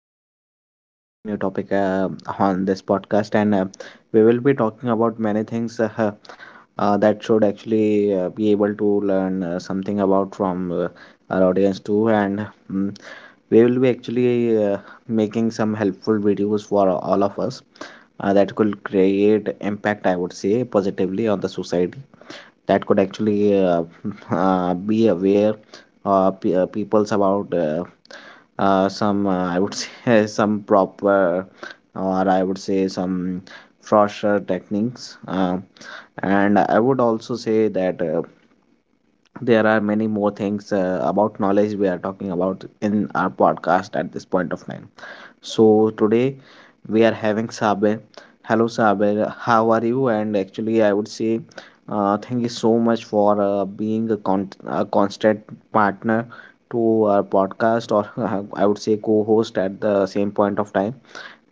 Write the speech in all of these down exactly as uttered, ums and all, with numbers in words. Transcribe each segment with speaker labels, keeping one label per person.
Speaker 1: are starting with a very new topic uh, on this podcast. And uh, We will be talking about many things uh, uh, that should actually uh, be able to learn uh, something about from uh, our audience, too. And um, we will be actually uh, making some helpful videos for all of us uh, that could create impact, I would say, positively on the society that could actually uh, uh, be aware uh, pe- uh, people's about uh, uh, some uh, I would say some proper or I would say some fresher techniques uh, and I would also say that uh, there are many more things uh, about knowledge we are talking about in our podcast at this point of time. So today we are having Saber. Hello Saber. How are you? And actually, I would say uh, thank you so much for uh, being a, con- a constant partner to our podcast, or I would say co-host at the same point of time.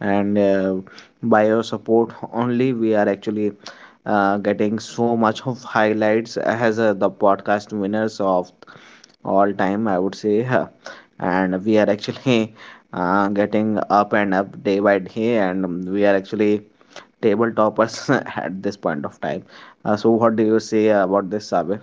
Speaker 1: And uh, By your support only, we are actually uh, getting so much of highlights as uh, the podcast winners of all time, I would say. Huh. And we are actually uh, getting up and up day by day, and um, we are actually table toppers at this point of time. Uh, so what do you say about this, Sabir?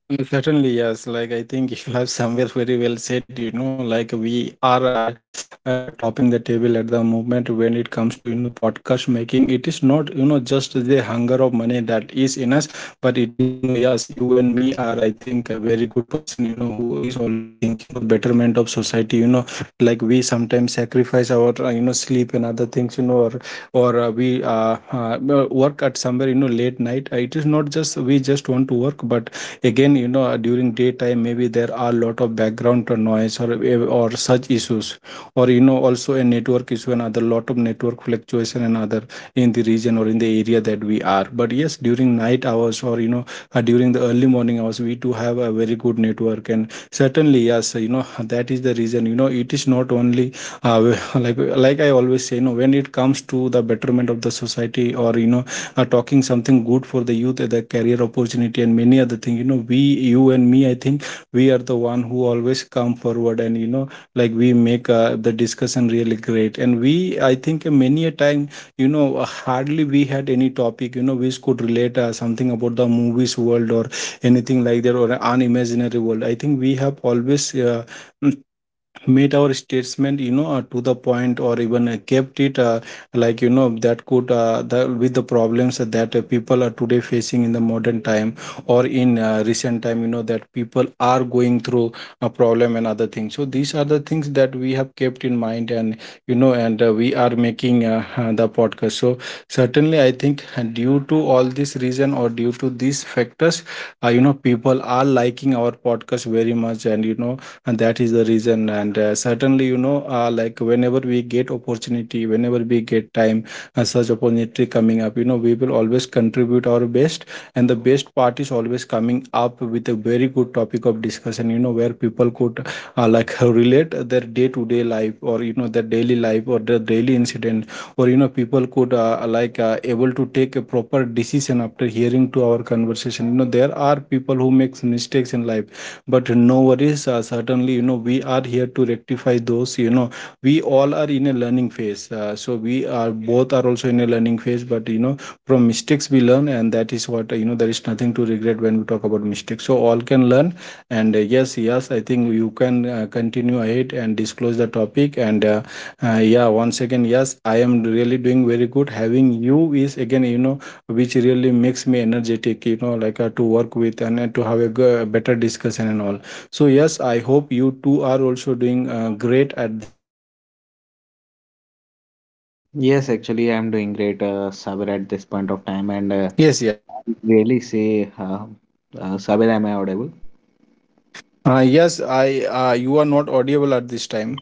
Speaker 2: Mm, certainly, yes. Like, I think you have somewhere very well said, you know, like we are uh, uh, topping the table at the moment when it comes to, you know, podcast making. It is not, you know, just the hunger of money that is in us, but it is, you know, yes, you and me are, I think, a very good person, you know, who is always thinking for the betterment of society, you know, like we sometimes sacrifice our, uh, you know, sleep and other things, you know, or or uh, we uh, uh, work at somewhere, you know, late night. Uh, It is not just we just want to work, but again you know during daytime maybe there are a lot of background noise or or such issues or you know also a network issue another lot of network fluctuation and other in the region or in the area that we are. But yes, during night hours or you know uh, during the early morning hours, we do have a very good network. And certainly yes, you know that is the reason, you know it is not only uh, like like I always say, you know when it comes to the betterment of the society or you know uh, talking something good for the youth, uh, the career opportunity, and many other things. You know, we, you, and me, I think we are the one who always come forward, and you know, like we make uh, the discussion really great. And we, I think, uh, many a time, you know, uh, hardly we had any topic, you know, which could relate uh, something about the movies world, or anything like that, or unimaginary world. I think we have always. Uh, made our statement, you know uh, to the point, or even uh, kept it uh, like, you know that could, uh, the, with the problems that uh, people are today facing in the modern time, or in uh, recent time, you know that people are going through a problem and other things. So these are the things that we have kept in mind. And you know and uh, we are making uh, uh, the podcast. So certainly I think uh, due to all this reason or due to these factors, uh, you know people are liking our podcast very much. And you know and that is the reason. And uh, certainly, you know uh, like whenever we get opportunity, whenever we get time, uh, such opportunity coming up, you know we will always contribute our best. And the best part is always coming up with a very good topic of discussion, you know where people could uh, like uh, relate their day to day life, or you know their daily life, or their daily incident, or you know people could uh, like uh, able to take a proper decision after hearing to our conversation. You know, there are people who makes mistakes in life, but no worries, uh, certainly, you know we are here to rectify those. You know, we all are in a learning phase. Uh, so we are both are also in a learning phase. But you know from mistakes we learn, and that is what, uh, you know there is nothing to regret when we talk about mistakes, so all can learn. And uh, yes, yes, I think you can uh, continue ahead and disclose the topic. And uh, uh, yeah, once again, yes, I am really doing very good. Having you is again, you know which really makes me energetic, you know like uh, to work with, and uh, to have a g- better discussion and all. So yes, I hope you two are also doing uh, great at this time.
Speaker 1: Yes, actually, I'm doing great, uh, Sabir, at this point of time, and uh,
Speaker 2: Yes, yes.
Speaker 1: really say, uh, uh, Sabir, am I audible?
Speaker 2: Uh, yes, I uh, you are not audible at this time.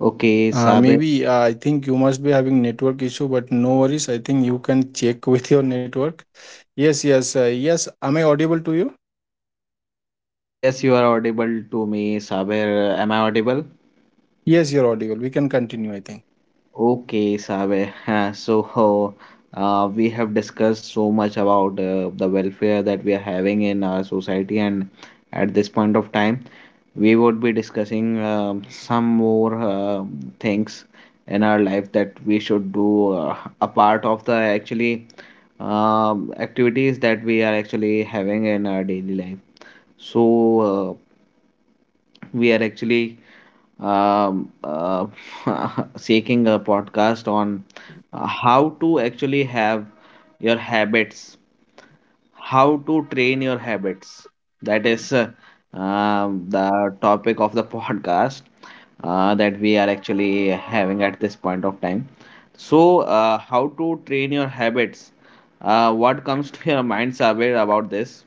Speaker 1: Okay,
Speaker 2: uh,
Speaker 1: Sabir.
Speaker 2: Maybe uh, I think you must be having network issue, but no worries, I think you can check with your network. Yes, yes. Uh, yes, am I audible to you?
Speaker 1: Yes, you are audible to me, Sabir. Am I audible?
Speaker 2: Yes, you're audible, we can continue, I think.
Speaker 1: Okay, Sabe. So, uh, we have discussed so much about uh, the welfare that we are having in our society, and at this point of time, we would be discussing um some more uh, things in our life that we should do uh, a part of the actually um activities that we are actually having in our daily life. So uh, we are actually um, uh, seeking a podcast on uh, how to actually have your habits, how to train your habits. That is uh, um, the topic of the podcast uh, that we are actually having at this point of time. So, uh, how to train your habits? Uh, what comes to your mind's eye about this?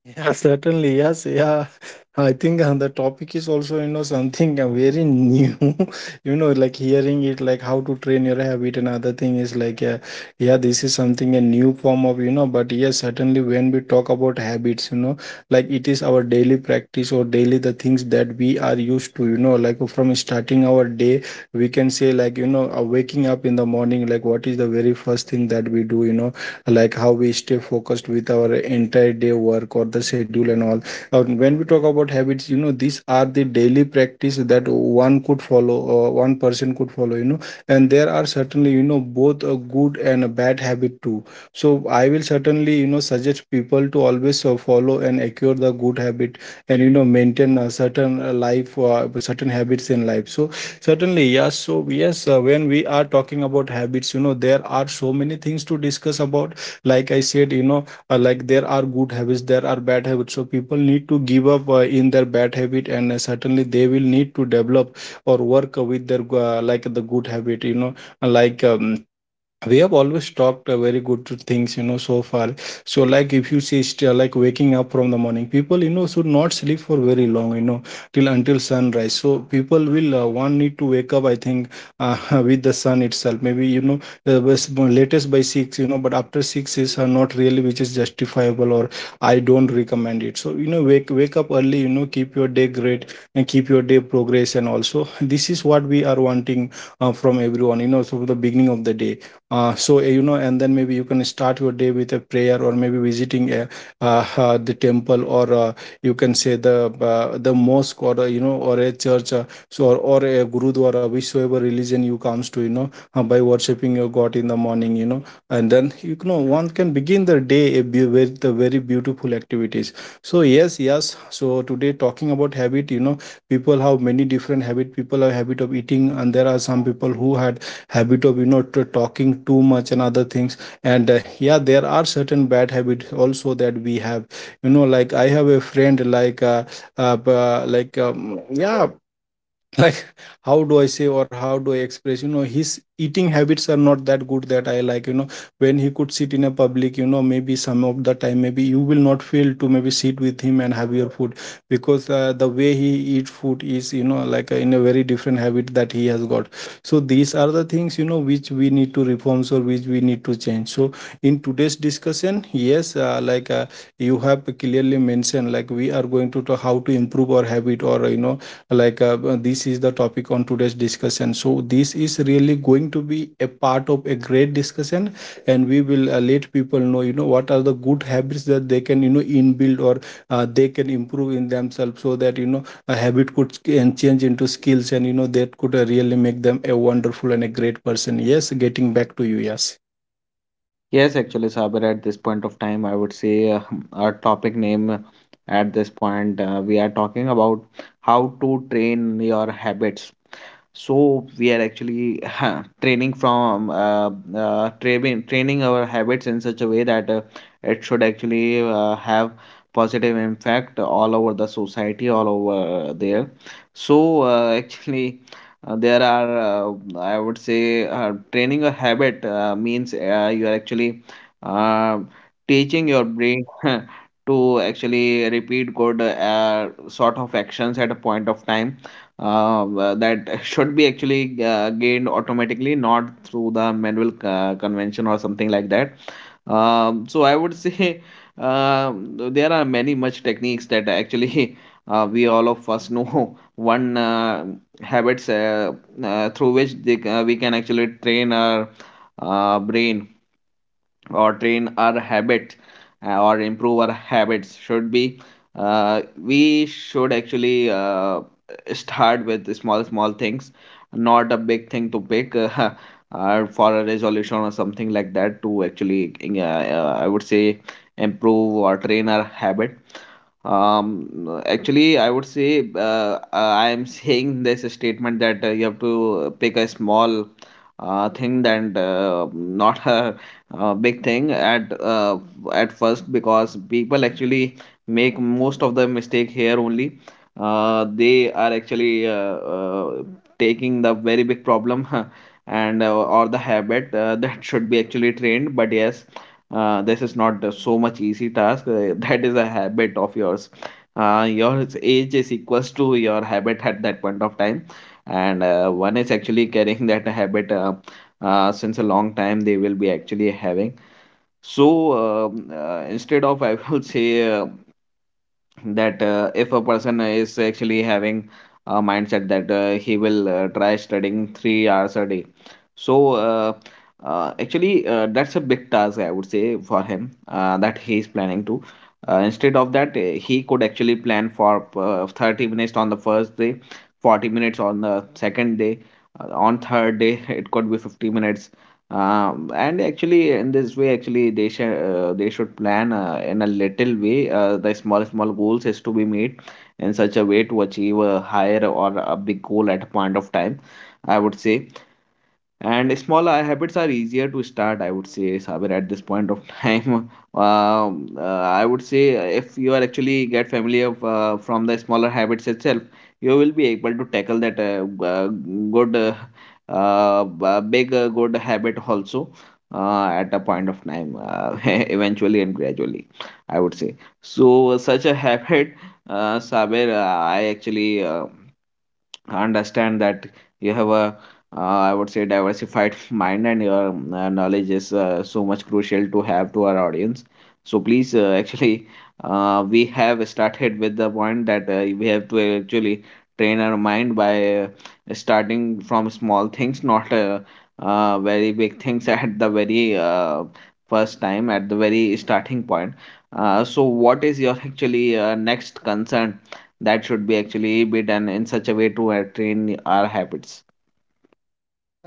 Speaker 2: Yeah, certainly. Yes. Yeah. I think uh, the topic is also, you know, something uh, very new. You know, like hearing it, like how to train your habit. Another thing is like, uh, yeah, this is something a new form of, you know, but yes, certainly when we talk about habits, you know, like it is our daily practice, or daily the things that we are used to, you know, like from starting our day, we can say, like, you know, uh, waking up in the morning, like what is the very first thing that we do, you know, like how we stay focused with our entire day work or the schedule and all. Uh, when we talk about habits, you know these are the daily practice that one could follow, or one person could follow. You know, and there are certainly, you know both a good and a bad habit too. So I will certainly, you know suggest people to always uh, follow and acquire the good habit, and you know maintain a certain uh, life, uh, certain habits in life. So certainly yes. So yes, uh, when we are talking about habits, you know there are so many things to discuss about. Like I said, you know uh, like there are good habits, there are bad habits. So people need to give up uh, in their bad habit, and uh, certainly they will need to develop or work with their uh, like the good habit. You know, like um, we have always talked uh, very good to things, you know so far. So like if you see, st- like waking up from the morning, people, you know should not sleep for very long, you know till until sunrise. So people will uh, one need to wake up, I think, uh, with the sun itself maybe, you know uh, bas- latest by six, you know but after six is uh, not really which is justifiable, or I don't recommend it. So you know wake wake up early, you know keep your day great and keep your day progress. And also this is what we are wanting uh, from everyone, you know so from the beginning of the day, uh, so uh, you know and then maybe you can start your day with a prayer, or maybe visiting a, uh, uh, the temple, or uh, you can say the uh, the mosque, or uh, you know or a church, uh, so or, or a gurudwara, whichever religion you comes to. You know, uh, by worshiping your god in the morning, you know and then, you know one can begin the day a beau- with the very beautiful activities. So yes, yes. So today, talking about habit, you know people have many different habit. People have habit of eating, and there are some people who had habit of, you know t- talking too much and other things. And uh, yeah, there are certain bad habits also that we have, you know like I have a friend like, uh, uh, b- uh, like um, yeah, like how do I say, or how do I express, you know his eating habits are not that good that I like, you know when he could sit in a public, you know maybe some of the time, maybe you will not feel to maybe sit with him and have your food. Because uh, the way he eat food is, you know like uh, in a very different habit that he has got. So these are the things, you know which we need to reforms, or which we need to change. So in today's discussion, yes, uh, like uh, you have clearly mentioned, like we are going to talk how to improve our habit, or you know like uh, uh, this is the topic on today's discussion. So this is really going to be a part of a great discussion. And we will uh, let people know, you know what are the good habits that they can, you know inbuild, or uh, they can improve in themselves, so that, you know a habit could sk- and change into skills, and you know that could uh, really make them a wonderful and a great person. Yes, getting back to you. Yes.
Speaker 1: Yes, actually, Saber, at this point of time, I would say uh, our topic name uh, at this point, uh, we are talking about how to train your habits. So we are actually training from uh, uh, training training our habits in such a way that uh, it should actually uh, have positive impact all over the society all over there. So uh, actually uh, there are uh, I would say uh, training a habit uh, means uh, you are actually uh, teaching your brain to actually repeat good uh, sort of actions at a point of time. Um, uh, w- that should be actually uh, gained automatically, not through the manual uh, convention or something like that. Um, so I would say um, there are many much techniques that actually uh, we all of us know. One uh, habits, uh, uh, through which they, ca- we can actually train our uh, brain or train our habit uh, or improve our habits should be, uh, we should actually uh, start with the small small things, not a big thing to pick uh, uh, for a resolution or something like that to actually uh, uh, I would say improve or train our habit. Um actually I would say uh, uh, I am saying this statement that uh, you have to pick a small uh, thing and uh, not a uh, big thing at uh, at first, because people actually make most of the mistake here only. Uh, they are actually uh, uh, taking the very big problem and uh, or the habit uh, that should be actually trained. But yes, uh, this is not uh, so much easy task. Uh, that is a habit of yours. Uh, your age is equals to your habit at that point of time, and uh, one is actually carrying that habit, uh, uh, since a long time they will be actually having. So um, uh, instead of I will say uh, that uh, if a person is actually having a mindset that uh, he will uh, try studying three hours a day. So uh, uh, actually uh, that's a big task I would say for him uh, that he is planning to. Uh, instead of that, uh, he could actually plan for uh, thirty minutes on the first day, forty minutes on the second day, uh, on third day it could be fifty minutes. Um, and actually, in this way, actually, they should uh, they should plan uh, in a little way. Uh, the small small goals is to be made in such a way to achieve a higher or a big goal at a point of time, I would say. And small uh, habits are easier to start, I would say, Sabir, at this point of time. Um, uh, I would say uh, if you are actually get familiar of, uh, from the smaller habits itself, you will be able to tackle that uh, g- uh, good, uh, uh, b- big, uh, good habit also uh, at a point of time, uh, eventually and gradually, I would say. So, such a habit, uh, Sabir, uh, I actually uh, understand that you have a uh, I would say diversified mind and your uh, knowledge is uh, so much crucial to have to our audience. So please, uh, actually, uh, we have started with the point that uh, we have to actually train our mind by uh, starting from small things, not uh, uh, very big things at the very uh, first time, at the very starting point. Uh, so what is your actually uh, next concern that should be actually be done in such a way to uh, train our habits?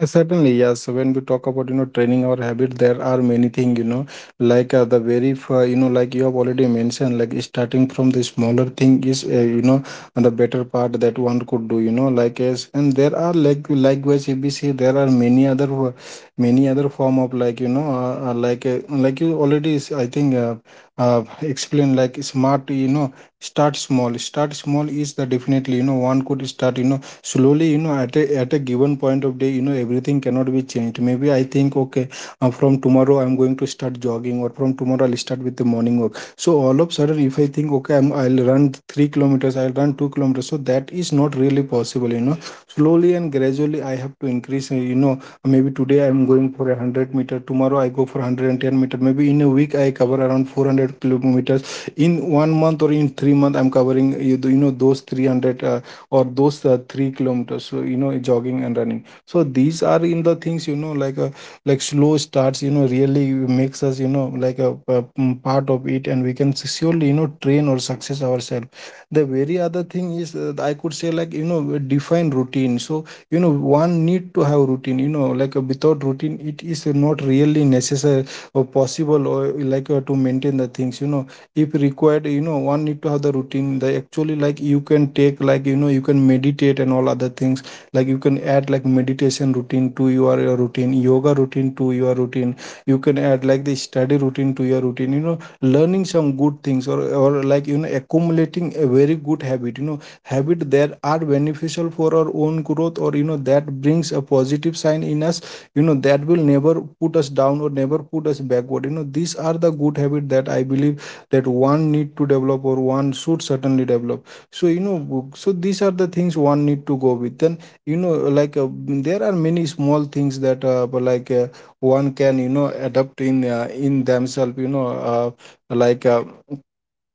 Speaker 2: Uh, Certainly, yes. So when we talk about, you know, training our habit, there are many things, you know, like uh, the very, f- uh, you know, like you have already mentioned, like starting from the smaller thing is, uh, you know, the better part that one could do, you know, like as, and there are like likewise, if we see, there are many other. uh, many other form of like you know uh, uh, like uh, like you already s- I think uh, uh, explain like smart. You know, start small. Start small is the definitely, you know, one could start, you know, slowly, you know, at a, at a given point of day. You know, everything cannot be changed. Maybe I think, okay, uh, from tomorrow I'm going to start jogging, or from tomorrow I'll start with the morning walk. So all of sudden if I think think okay, I'm, I'll run 3 kilometers, I'll run 2 kilometers, so that is not really possible, you know. Slowly and gradually I have to increase, uh, you know, maybe today I'm going for a 100 meter, tomorrow I go for 110 meter, maybe in a week I cover around 400 kilometers in one month, or in three month I'm covering, you, you know, those three hundred, uh, or those uh, 3 kilometers, so you know, jogging and running. So these are in the things, you know, like a like slow starts, you know, really makes us, you know, like a, a mm, part of it, and we can surely, you know, train or success ourselves. The very other thing is, uh, I could say, like, you know, define routine. So you know, one need to have routine, you know, like uh, without routine it is not really necessary or possible, or like uh, to maintain the things, you know. If required, you know, one need to have the routine. They actually, like, you can take, like, you know, you can meditate and all other things, like you can add, like, meditation routine to your, your routine, yoga routine to your routine. You can add, like, the study routine to your routine, you know, learning some good things, or or, like, you know, you know, accumulating a very good habit you know habit that are beneficial for our own growth, or, you know, that brings a positive sign in us, you know, that will never put us down or never put us backward. You know, these are the good habit that I believe that one need to develop, or one should certainly develop. So you know, so these are the things one need to go with. Then you know, like uh, mm, there are many small things that, uh, like uh, one can, you know, adapt in, uh, in themselves, you know. uh, like uh,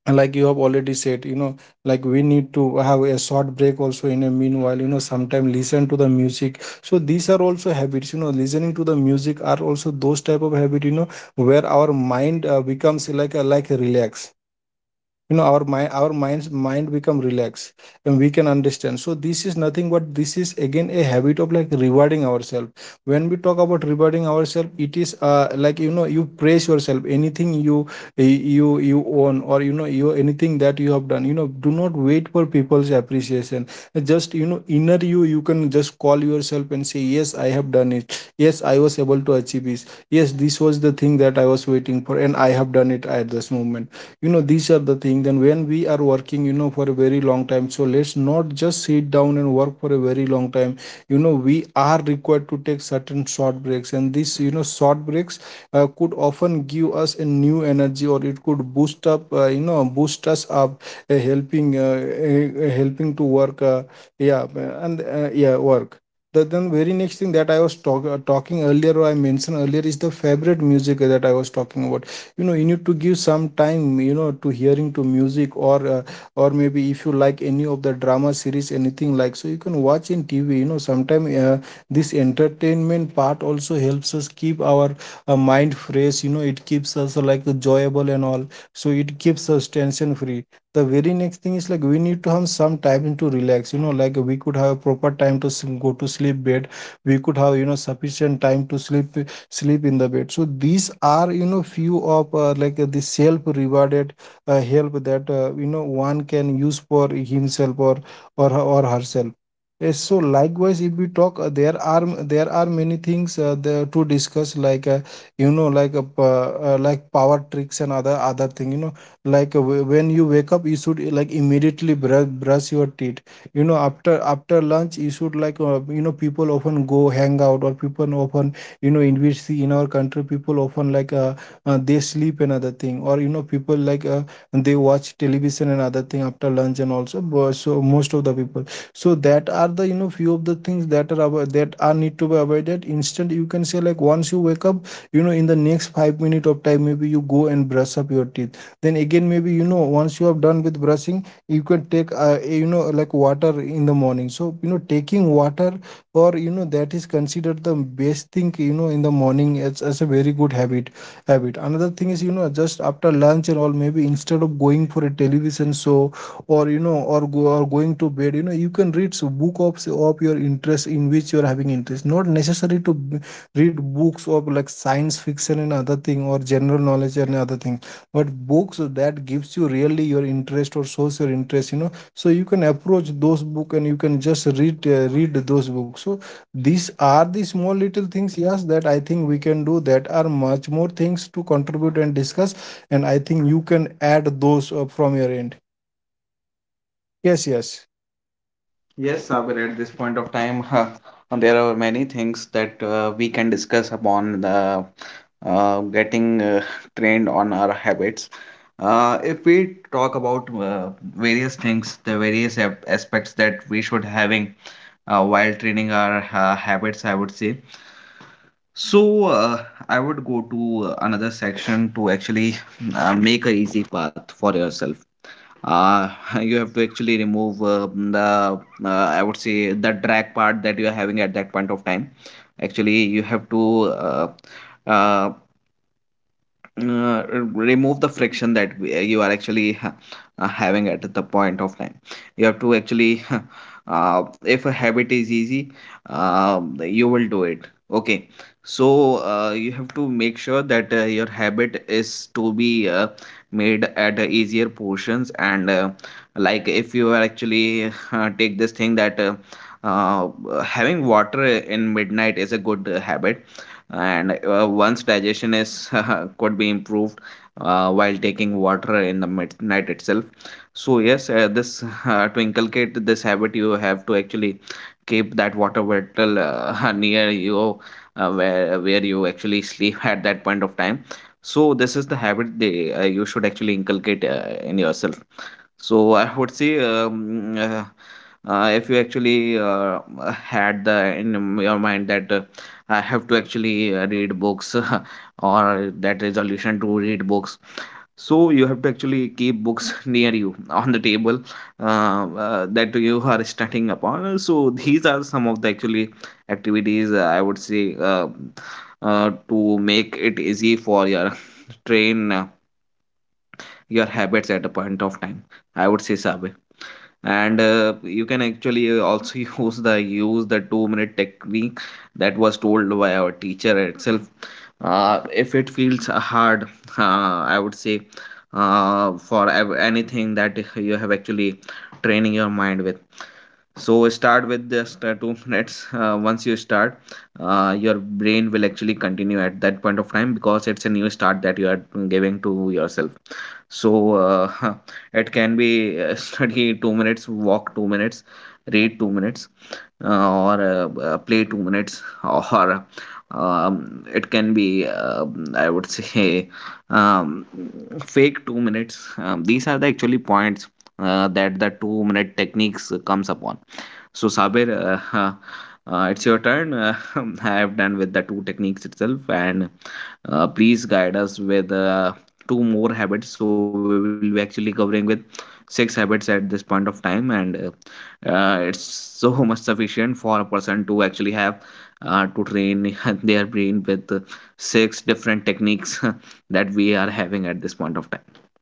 Speaker 2: and like you have already said, you know, like we need to have a short break also in a meanwhile, you know, sometime listen to the music. So these are also habits, you know, listening to the music are also those type of habit, you know, where our mind uh, becomes like a like a relax, you know, our mind, our minds mind become relaxed, and we can understand. So this is nothing but this is again a habit of, like, rewarding ourselves. When we talk about rewarding ourselves, it is, uh, like, you know, you praise yourself, anything you you you own, or, you know, you, anything that you have done, you know, do not wait for people's appreciation. Just, you know, inner you, you can just call yourself and say, yes, I have done it, yes, I was able to achieve this, yes, this was the thing that I was waiting for, and I have done it at this moment. You know, these are the things. Then when we are working, you know, for a very long time, so let's not just sit down and work for a very long time. You know, we are required to take certain short breaks, and these, you know, short breaks uh, could often give us a new energy, or it could boost up, uh, you know, boost us up, uh, helping uh, uh, uh, helping to work uh, yeah uh, and uh, yeah work. The then very next thing that I was talk, uh, talking earlier, or I mentioned earlier, is the favorite music that I was talking about. You know, you need to give some time, you know, to hearing to music, or uh, or maybe if you like any of the drama series, anything like, so you can watch in TV, you know, sometimes, uh, this entertainment part also helps us keep our uh, mind fresh. You know, it keeps us, uh, like, enjoyable and all. So it keeps us tension free. The very next thing is, like, we need to have some time to relax, you know, like we could have proper time to s- go to sleep bed, we could have, you know, sufficient time to sleep, sleep in the bed. So these are, you know, few of, uh, like uh, the self rewarded uh, help that, uh, you know, one can use for himself, or or or herself. Yes, so likewise, if we talk, uh, there are there are many things uh, there to discuss, like uh, you know, like a, p- uh, like power tricks and other other thing. You know, like uh, wh- when you wake up, you should, uh, like, immediately brush brush your teeth. You know, after after lunch, you should, like uh, you know, people often go hang out, or people often, you know, in which see in our country, people often, like uh, uh, they sleep another thing, or you know, people, like uh, they watch television and other thing after lunch and also. But so most of the people, so that are the, you know, few of the things that are avo- that are need to be avoided instant, you can say, like, once you wake up, you know, in the next five minute of time, maybe you go and brush up your teeth. Then again, maybe, you know, once you have done with brushing, you can take, uh, you know, like water in the morning, so you know, taking water, or you know, that is considered the best thing, you know, in the morning as, as a very good habit habit. Another thing is, you know, just after lunch and all, maybe instead of going for a television show, or you know, or go or going to bed, you know, you can read some book of, of your interest, in which you are having interest, not necessary to b- read books of, like, science fiction and other thing, or general knowledge and other thing, but books that gives you really your interest, or shows your interest, you know. So you can approach those book, and you can just read, uh, read those books. So these are the small little things, yes, that I think we can do. That are much more things to contribute and discuss, and I think you can add those, uh, from your end. Yes, yes.
Speaker 1: Yes, Sabir, at this point of time, huh, there are many things that uh, we can discuss upon the uh, getting uh, trained on our habits. Uh, if we talk about uh, various things, the various ap- aspects that we should having uh, while training our uh, habits, I would say. So uh, I would go to uh, another section to actually uh, make a easy path for yourself. uh, you have to actually remove uh, the, uh, I would say, the drag part that you are having at that point of time. Actually you have to uh, uh, uh, remove the friction that w- you are actually uh, uh, having at the point of time. You have to actually, uh, if a habit is easy, um, you will do it. Okay. So uh, you have to make sure that uh, your habit is to be uh, made at uh, easier portions, and uh, like if you are actually uh, take this thing that uh, uh, having water in midnight is a good uh, habit, and uh, once digestion is could be improved uh, while taking water in the mid- night itself. So yes, uh, this uh, to inculcate this habit you have to actually keep that water bottle uh, near you, uh, where where you actually sleep at that point of time. So this is the habit they, uh, you should actually inculcate uh, in yourself. So I would say, um, uh, uh, if you actually uh, had the in m- your mind that uh, I have to actually uh, read books or that resolution to read books, so you have to actually keep books near you on the table uh, uh, that you are studying upon. So these are some of the actually activities, uh, I would say, uh, uh, to make it easy for your train uh, your habits at a point of time, I would say, Sabe. And uh, you can actually uh, also use the use the two minute technique that was told by our teacher itself. Uh, if it feels hard, uh, I would say, uh, for ev- anything that you have actually training your mind with, so start with just uh, two minutes. Uh, once you start, uh, your brain will actually continue at that point of time, because it's a new start that you are giving to yourself. So uh, it can be uh, study two minutes, walk two minutes, read two minutes, uh, or uh, uh, play two minutes or, um, it can be, uh, I would say, um, fake two minutes. Um, these are the actually points uh, that the two minute techniques comes upon. So, Sabir, uh, uh, it's your turn. Uh, I have done with the two techniques itself, and uh, please guide us with uh, two more habits. So, we will be actually covering with six habits at this point of time, and uh, uh, it's so much sufficient for a person to actually have uh, to train their brain with uh, six different techniques that we are having at this point of time.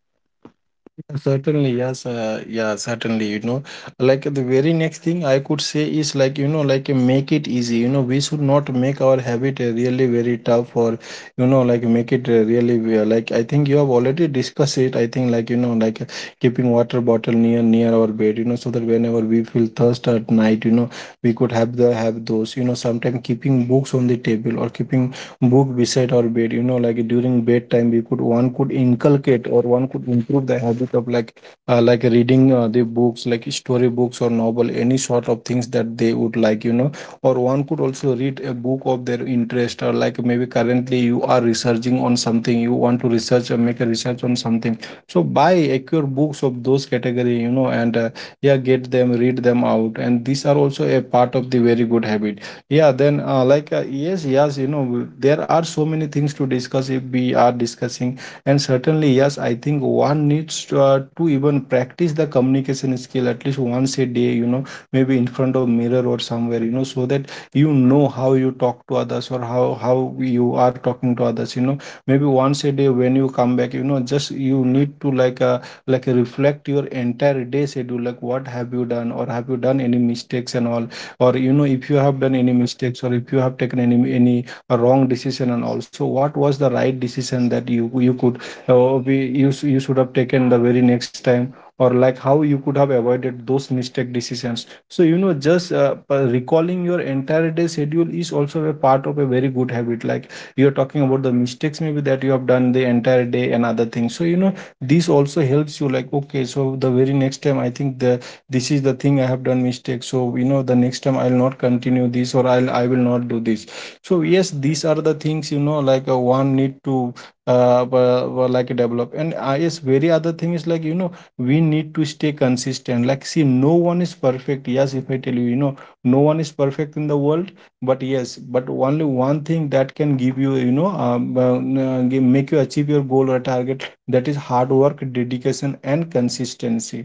Speaker 2: Certainly, yes, uh, yeah, certainly. You know, like the very next thing I could say is, like, you know, like make it easy. You know, we should not make our habit, uh, really very tough, or, you know, like make it, uh, really, we are like, I think you have already discussed it. I think, like, you know, like uh, keeping water bottle near near our bed, you know, so that whenever we feel thirst at night, you know, we could have the have those, you know, sometimes keeping books on the table, or keeping book beside our bed, you know, like during bedtime we could, one could inculcate, or one could improve the habit of, like, uh, like reading, uh, the books, like story books or novel, any sort of things that they would like, you know, or one could also read a book of their interest, or, like, maybe currently you are researching on something, you want to research or make a research on something. So buy, acquire books of those category, you know, and, uh, yeah, get them, read them out, and these are also a part of the very good habit. Yeah, then, uh, like uh, yes, yes, you know, there are so many things to discuss if we are discussing, and certainly yes, I think one needs to, uh, to even practice the communication skill at least once a day, you know, maybe in front of mirror or somewhere, you know, so that you know how you talk to others, or how how you are talking to others, you know, maybe once a day when you come back, you know, just you need to like uh, like reflect your entire day schedule, like what have you done, or have you done any mistakes and all, or you know, if you have done any mistakes, or if you have taken any any uh, wrong decision, and also what was the right decision that you you could, uh, be you, sh- you should have taken the very next time, or like how you could have avoided those mistake decisions. So you know, just uh, uh, recalling your entire day schedule is also a part of a very good habit, like you're talking about the mistakes maybe that you have done the entire day and other things. So you know, this also helps you, like, okay, so the very next time I think the this is the thing I have done mistake. So, you know, the next time I'll not continue this, or i'll i will not do this. So, yes, these are the things, you know, like uh, one need to uh, uh, uh, like develop. And I, yes, very other thing is, like, you know, we need to stay consistent. Like, see, no one is perfect. Yes, if I tell you, you know, no one is perfect in the world. But yes, but only one thing that can give you, you know, um, uh, uh, give- make you achieve your goal or target, that is hard work, dedication and consistency.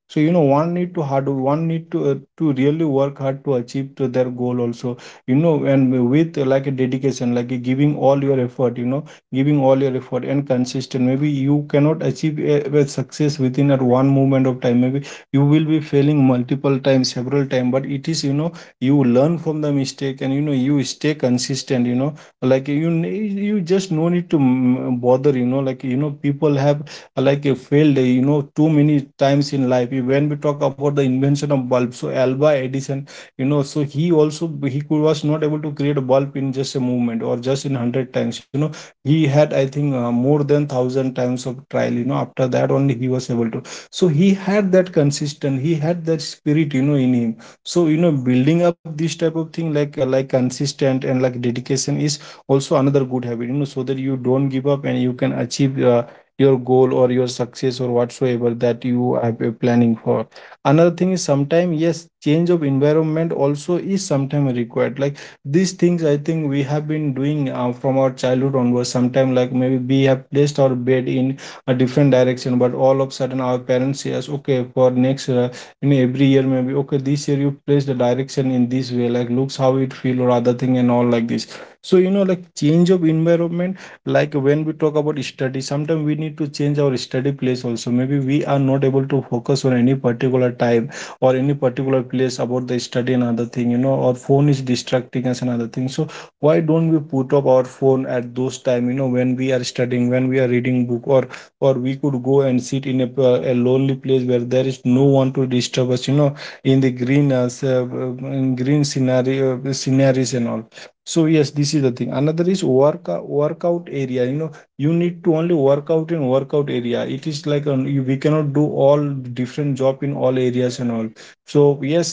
Speaker 2: So, you know, one need to hard, one need to uh, to really work hard to achieve to their goal also. You know, and with uh, like a dedication, like, uh, giving all your effort. You know, giving all your effort and consistent. Maybe you cannot achieve a, a success within at one moment of time. Maybe you will be failing multiple times, several times. But it is, you know, you learn from the mistake, and you know, you stay consistent. You know, like you ne- you just no need to mm, bother. You know, like, you know, people have like uh, failed uh, you know, too many times in life. Eh, when we talk about the invention of bulb, so Alba Edison, you know, so he also, he could was not able to create a bulb in just a movement or just in a hundred times, you know. He had, I think, uh, more than a thousand times of trial, you know. After that only he was able to. So he had that consistent, he had that spirit, you know, in him. So, you know, building up this type of thing, like, uh, like consistent and like dedication is also another good habit, you know, so that you don't give up and you can achieve, uh, your goal or your success or whatsoever that you are p- planning for. Another thing is, sometimes, yes, change of environment also is sometimes required. Like, these things, I think we have been doing uh, from our childhood onwards. Sometimes, like, maybe we have placed our bed in a different direction, but all of a sudden our parents say us, okay, for next uh, in every year, maybe, okay, this year you place the direction in this way, like, looks how it feel or other thing and all like this. So, you know, like, change of environment, like, when we talk about study, sometimes we need to change our study place also. Maybe we are not able to focus on any particular time or any particular place about the study and other thing, you know, or phone is distracting us and other thing. So why don't we put up our phone at those time, you know, when we are studying, when we are reading book, or or we could go and sit in a a lonely place where there is no one to disturb us, you know, in the green uh, uh, in green scenario, sceneries and all. So yes, this is the thing. Another is work, workout area, you know. You need to only work out in workout area. It is like, um, you, we cannot do all different job in all areas and all. So yes,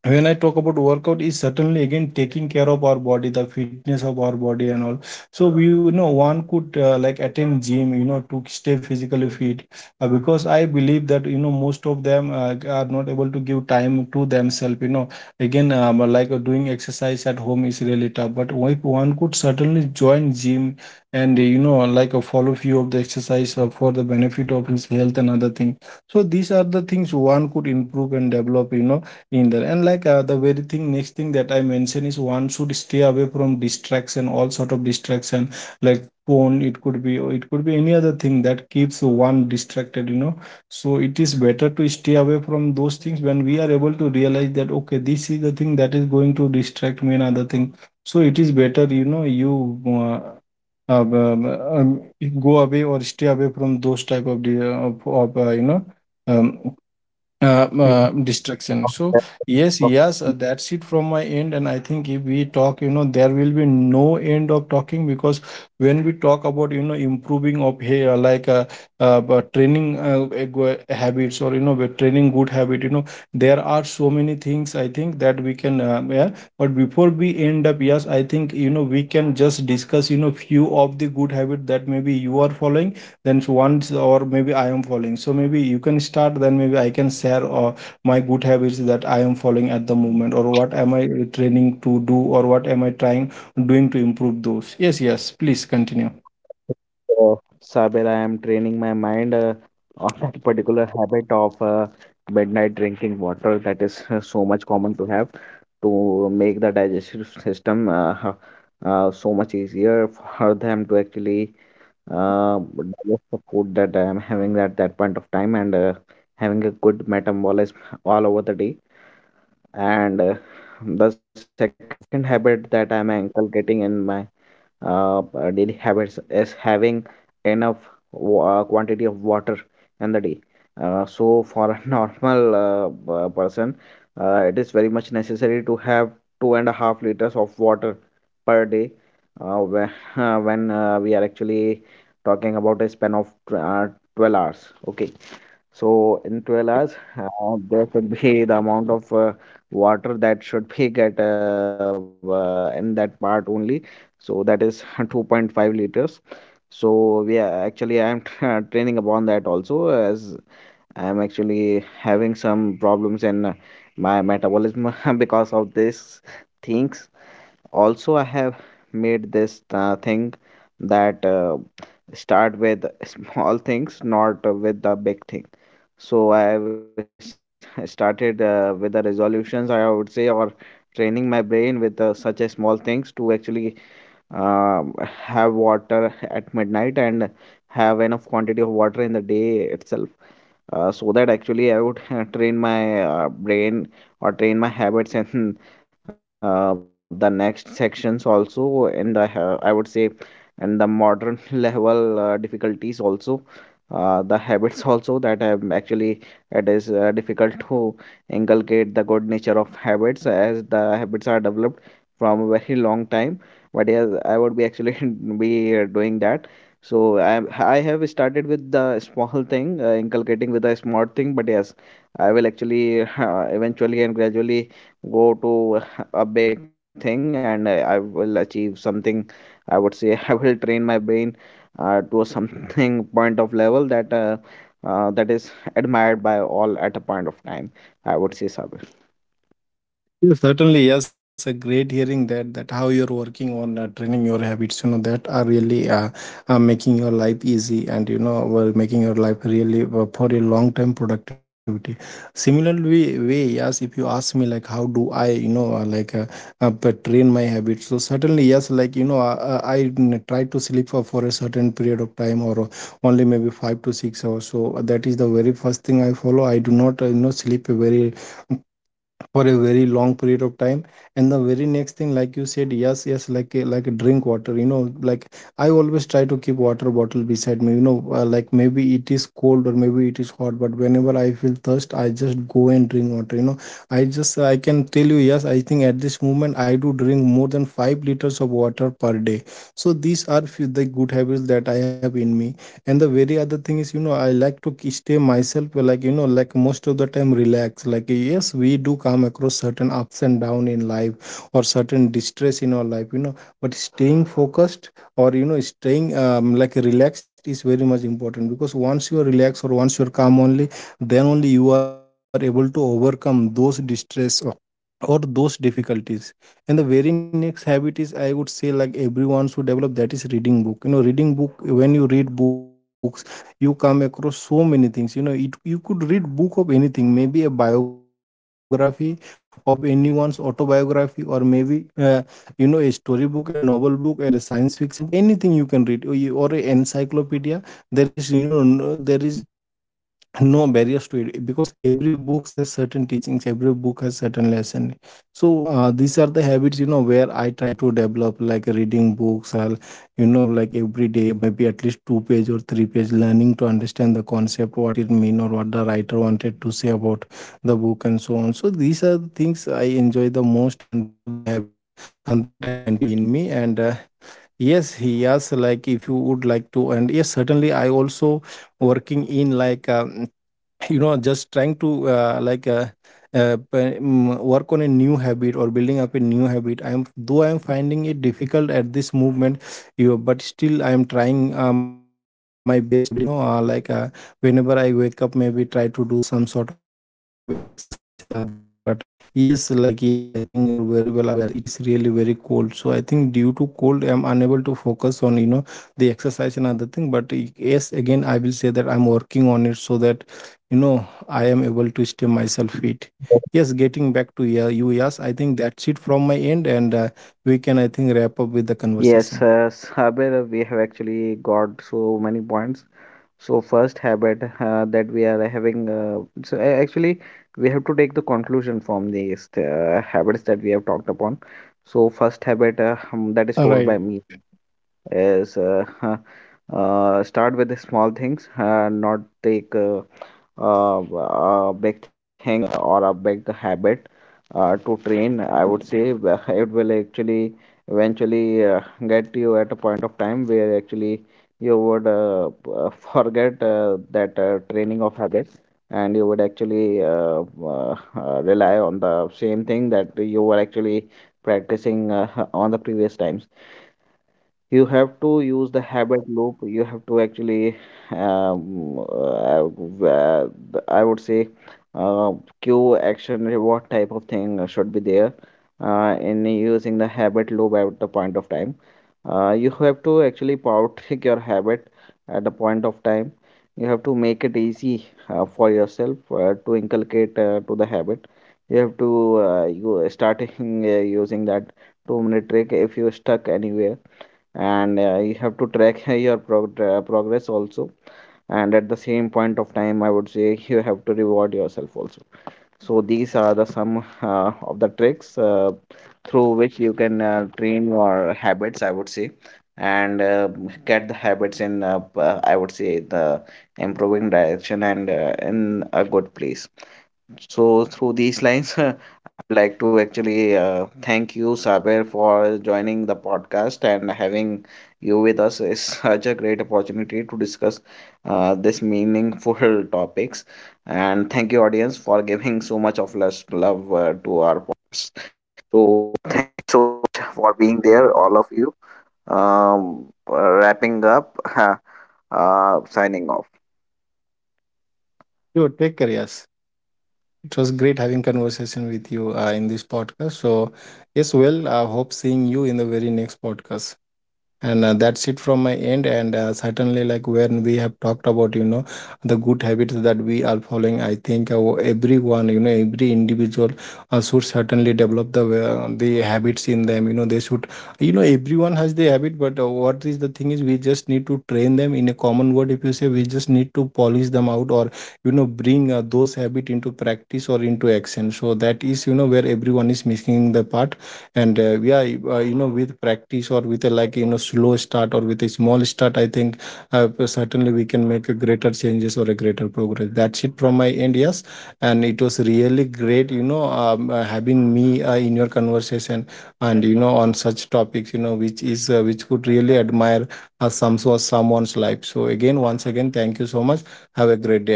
Speaker 2: when I talk about workout is certainly again taking care of our body, the fitness of our body and all. So we, you know, one could uh, like attend gym, you know, to stay physically fit. Uh, because I believe that, you know, most of them uh, are not able to give time to themselves, you know. Again, um, like, uh, doing exercise at home is really tough, but if one could certainly join gym and uh, you know, like, uh, follow few of the exercise uh, for the benefit of his health and other thing. So these are the things one could improve and develop, you know, in there. And like, uh, the very thing next thing that I mentioned is one should stay away from distraction, all sort of distraction, like phone it could be, or it could be any other thing that keeps one distracted, you know. So it is better to stay away from those things when we are able to realize that, okay, this is the thing that is going to distract me, another thing. So it is better, you know, you uh, um, um, um, go away or stay away from those type of the of, of uh, you know, um, uh, uh, destruction. So yes, yes, uh, that's it from my end. And I think if we talk, you know, there will be no end of talking because when we talk about, you know, improving of hair, like uh, uh, but training uh, a go- habits, or, you know, but training good habit, you know, there are so many things, I think, that we can uh, yeah. But before we end up, yes, I think, you know, we can just discuss, you know, few of the good habit that maybe you are following, then once, or maybe I am following. So maybe you can start, then maybe I can share uh, my good habits that I am following at the moment, or what am I training to do, or what am I trying doing to improve those. Yes, yes, please continue.
Speaker 1: So, Sabir, I am training my mind uh, on that particular habit of uh, midnight drinking water that is uh, so much common to have to make the digestive system uh, ha- uh, so much easier for them to actually uh, digest the food that I am having at that point of time and uh, having a good metabolism all over the day. And uh, the second habit that I am inculcating in my uh, uh, daily habits is having enough wa- uh, quantity of water in the day. Uh, so for a normal uh, uh, person, uh, it is very much necessary to have two and a half liters of water per day. Uh, when uh, when uh, we are actually talking about a span of tw- uh, twelve hours. Okay, so in twelve hours, uh, there should be the amount of uh, water that should be get uh, uh, in that part only. So that is two point five liters. So we are actually I am tra- training upon that also as I am actually having some problems in uh, my metabolism because of these things. Also, made this uh, thing that uh, start with small things, not uh, with the big things. So I was started uh, with the resolutions, I would say, or training my brain with uh, such a small things to actually uh, have water at midnight and have enough quantity of water in the day itself uh, so that actually I would train my uh, brain or train my habits in uh, the next sections also, and the uh, I would say and the modern level uh, difficulties also, uh, the habits also that I'm actually it is uh, difficult to inculcate the good nature of habits as the habits are developed from a very long time. But yes, I would be actually be uh, doing that. So I I have started with the small thing, uh, inculcating with a small thing. But yes, I will actually eventually and gradually go to a big thing, and I, I will achieve something. I would say I will train my brain uh, to a something point of level that uh, uh, that is admired by all at a point of time. I would say, Sabir.
Speaker 2: Yes, certainly, yes. A great hearing that that how you're working on uh, training your habits. You know, that are really uh, uh, making your life easy, and you know, were making your life really uh, for a long term productivity. Similarly, way, yes. If you ask me, like, how do I, you know, uh, like, uh, uh, but train my habits, so certainly yes. Like, you know, uh, uh, I mm, try to sleep for, for a certain period of time, or uh, only maybe five to six hours. So uh, that is the very first thing I follow. I do not uh, you know, sleep a very for a very long period of time. And the very next thing, like you said, yes yes, like a- like a drink water, you know. Like, I always try to keep water bottle beside me, you know, uh, like, maybe it is cold or maybe it is hot, but whenever I feel thirst, I just go and drink water, you know. i just I can tell you, yes, I think at this moment I do drink more than five liters of water per day. So these are few the good habits that I have in me. And the very other thing is, you know, I like to k- stay myself uh, like, you know, like most of the time relax. Like, yes, we do come across certain ups and down in life, or certain distress in our life, you know. But staying focused, or, you know, staying um, like, relaxed is very much important, because once you are relaxed or once you are calm, only then only you are able to overcome those distress or those difficulties. And the very next habit is, I would say, like, everyone should develop, that is reading book, you know. Reading book, when you read books, you come across so many things, you know. It, you could read book of anything, maybe a biography of anyone's autobiography, or maybe, uh, you know, a story book, a novel book, or a science fiction book, anything you can read, or, you- or an encyclopedia. There is, you know, no- there is no barriers to it, because every book has certain teachings, every book has certain lesson. So uh, these are the habits, you know, where I try to develop, like reading books, or, you know, like every day maybe at least two page or three page learning to understand the concept, what it mean or what the writer wanted to say about the book, and so on. So these are the things I enjoy the most, and these are the habits and that I continue in me. And uh, yes, he, yes, like, if you would like to. And yes, certainly I also working in, like, uh, you know, just trying to uh, like, uh, uh, p- mm, work on a new habit or building up a new habit. I am, though I am finding it difficult at this movement, you, but still I am trying uh, my best every day, you know, uh, like, uh, whenever I wake up, maybe try to do some sort of exercise and other thing. But yes, like, yes, I think you're very well aware that it is really very cold, so I think, due to cold, I'm unable to focus on, you know, the exercise and other thing. But eh, yes, again, I will say that I'm working on it so that, you know, I am able to stay myself fit. Yes, getting back to, yeah, you, yes, I think that's it from my end, and uh, we can, I think, wrap up with the conversation.
Speaker 1: Yes, uh, Saber, we have actually got so many points. So first habit uh, that we are having. Uh, so a- actually, we have to take the conclusion from these uh, habits that we have talked upon. So
Speaker 2: All right.
Speaker 1: first habit uh, um, that is told by me is uh, uh, start with the small things, uh, not take uh, uh, a big thing uh, or a big habit uh, to train, I would say wh- it will actually eventually uh, get you at a point of time where actually you would uh, p- uh, forget uh, that uh, training of habits, and you would actually uh, uh, uh, rely on the same thing that you were actually practicing uh, on the previous times. You have to use the habit loop. You have to actually um, uh, uh, I would say uh, cue action reward type of thing uh, should be there uh, in using the habit loop at the point of time. Uh, you have to actually power trick your habit at the point of time. You have to make it easy uh, for yourself uh, to inculcate uh, to the habit. You have to uh, you starting uh, using that two minute trick if you're stuck anywhere. And uh, you have to track your prog- uh, progress also, and at the same point of time I would say you have to reward yourself also. So these are the some uh, of the tricks uh, through which you can uh, train your habits, I would say, and uh, get the habits in uh, p- uh, I would say the improving direction and uh, in a good place. So through these lines, I'd like to actually uh, thank you, Saber, for joining the podcast, and having you with us is such a great opportunity to discuss uh, this meaningful topics. And thank you, audience, for giving so much of lust- love uh, to
Speaker 2: You take care. Yes, it was great having conversation with you uh, in this podcast. So yes, well, I hope seeing you in the very next podcast. And uh, that's it from my end, and uh, certainly, like, when we have talked about, you know, the good habits that we are following, I think uh, everyone, you know, every individual uh, should certainly develop the uh, the habits in them, you know. They should, you know, everyone has the habit, but uh, what is the thing is, we just need to train them, in a common word if you say, we just need to polish them out, or, you know, bring uh, those habit into practice or into action. So that is, you know, where everyone is missing the part. And uh, yeah, you- uh, you know, with practice or with a, like, you know, slow start or with a small start, I think uh, certainly we can make a greater changes or a greater progress. That's it from my end. Yes, and it was really great, you know, um, uh, having me uh, in your conversation, and, you know, on such topics, you know, which is, uh, which could really admire uh, some so someone's life. So again, once again, thank you so much. Have a great day ahead.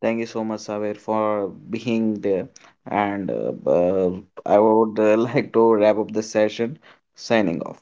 Speaker 1: Thank you so much, Saber, for being there. And uh, uh, I would uh, like to wrap up the session. Signing off.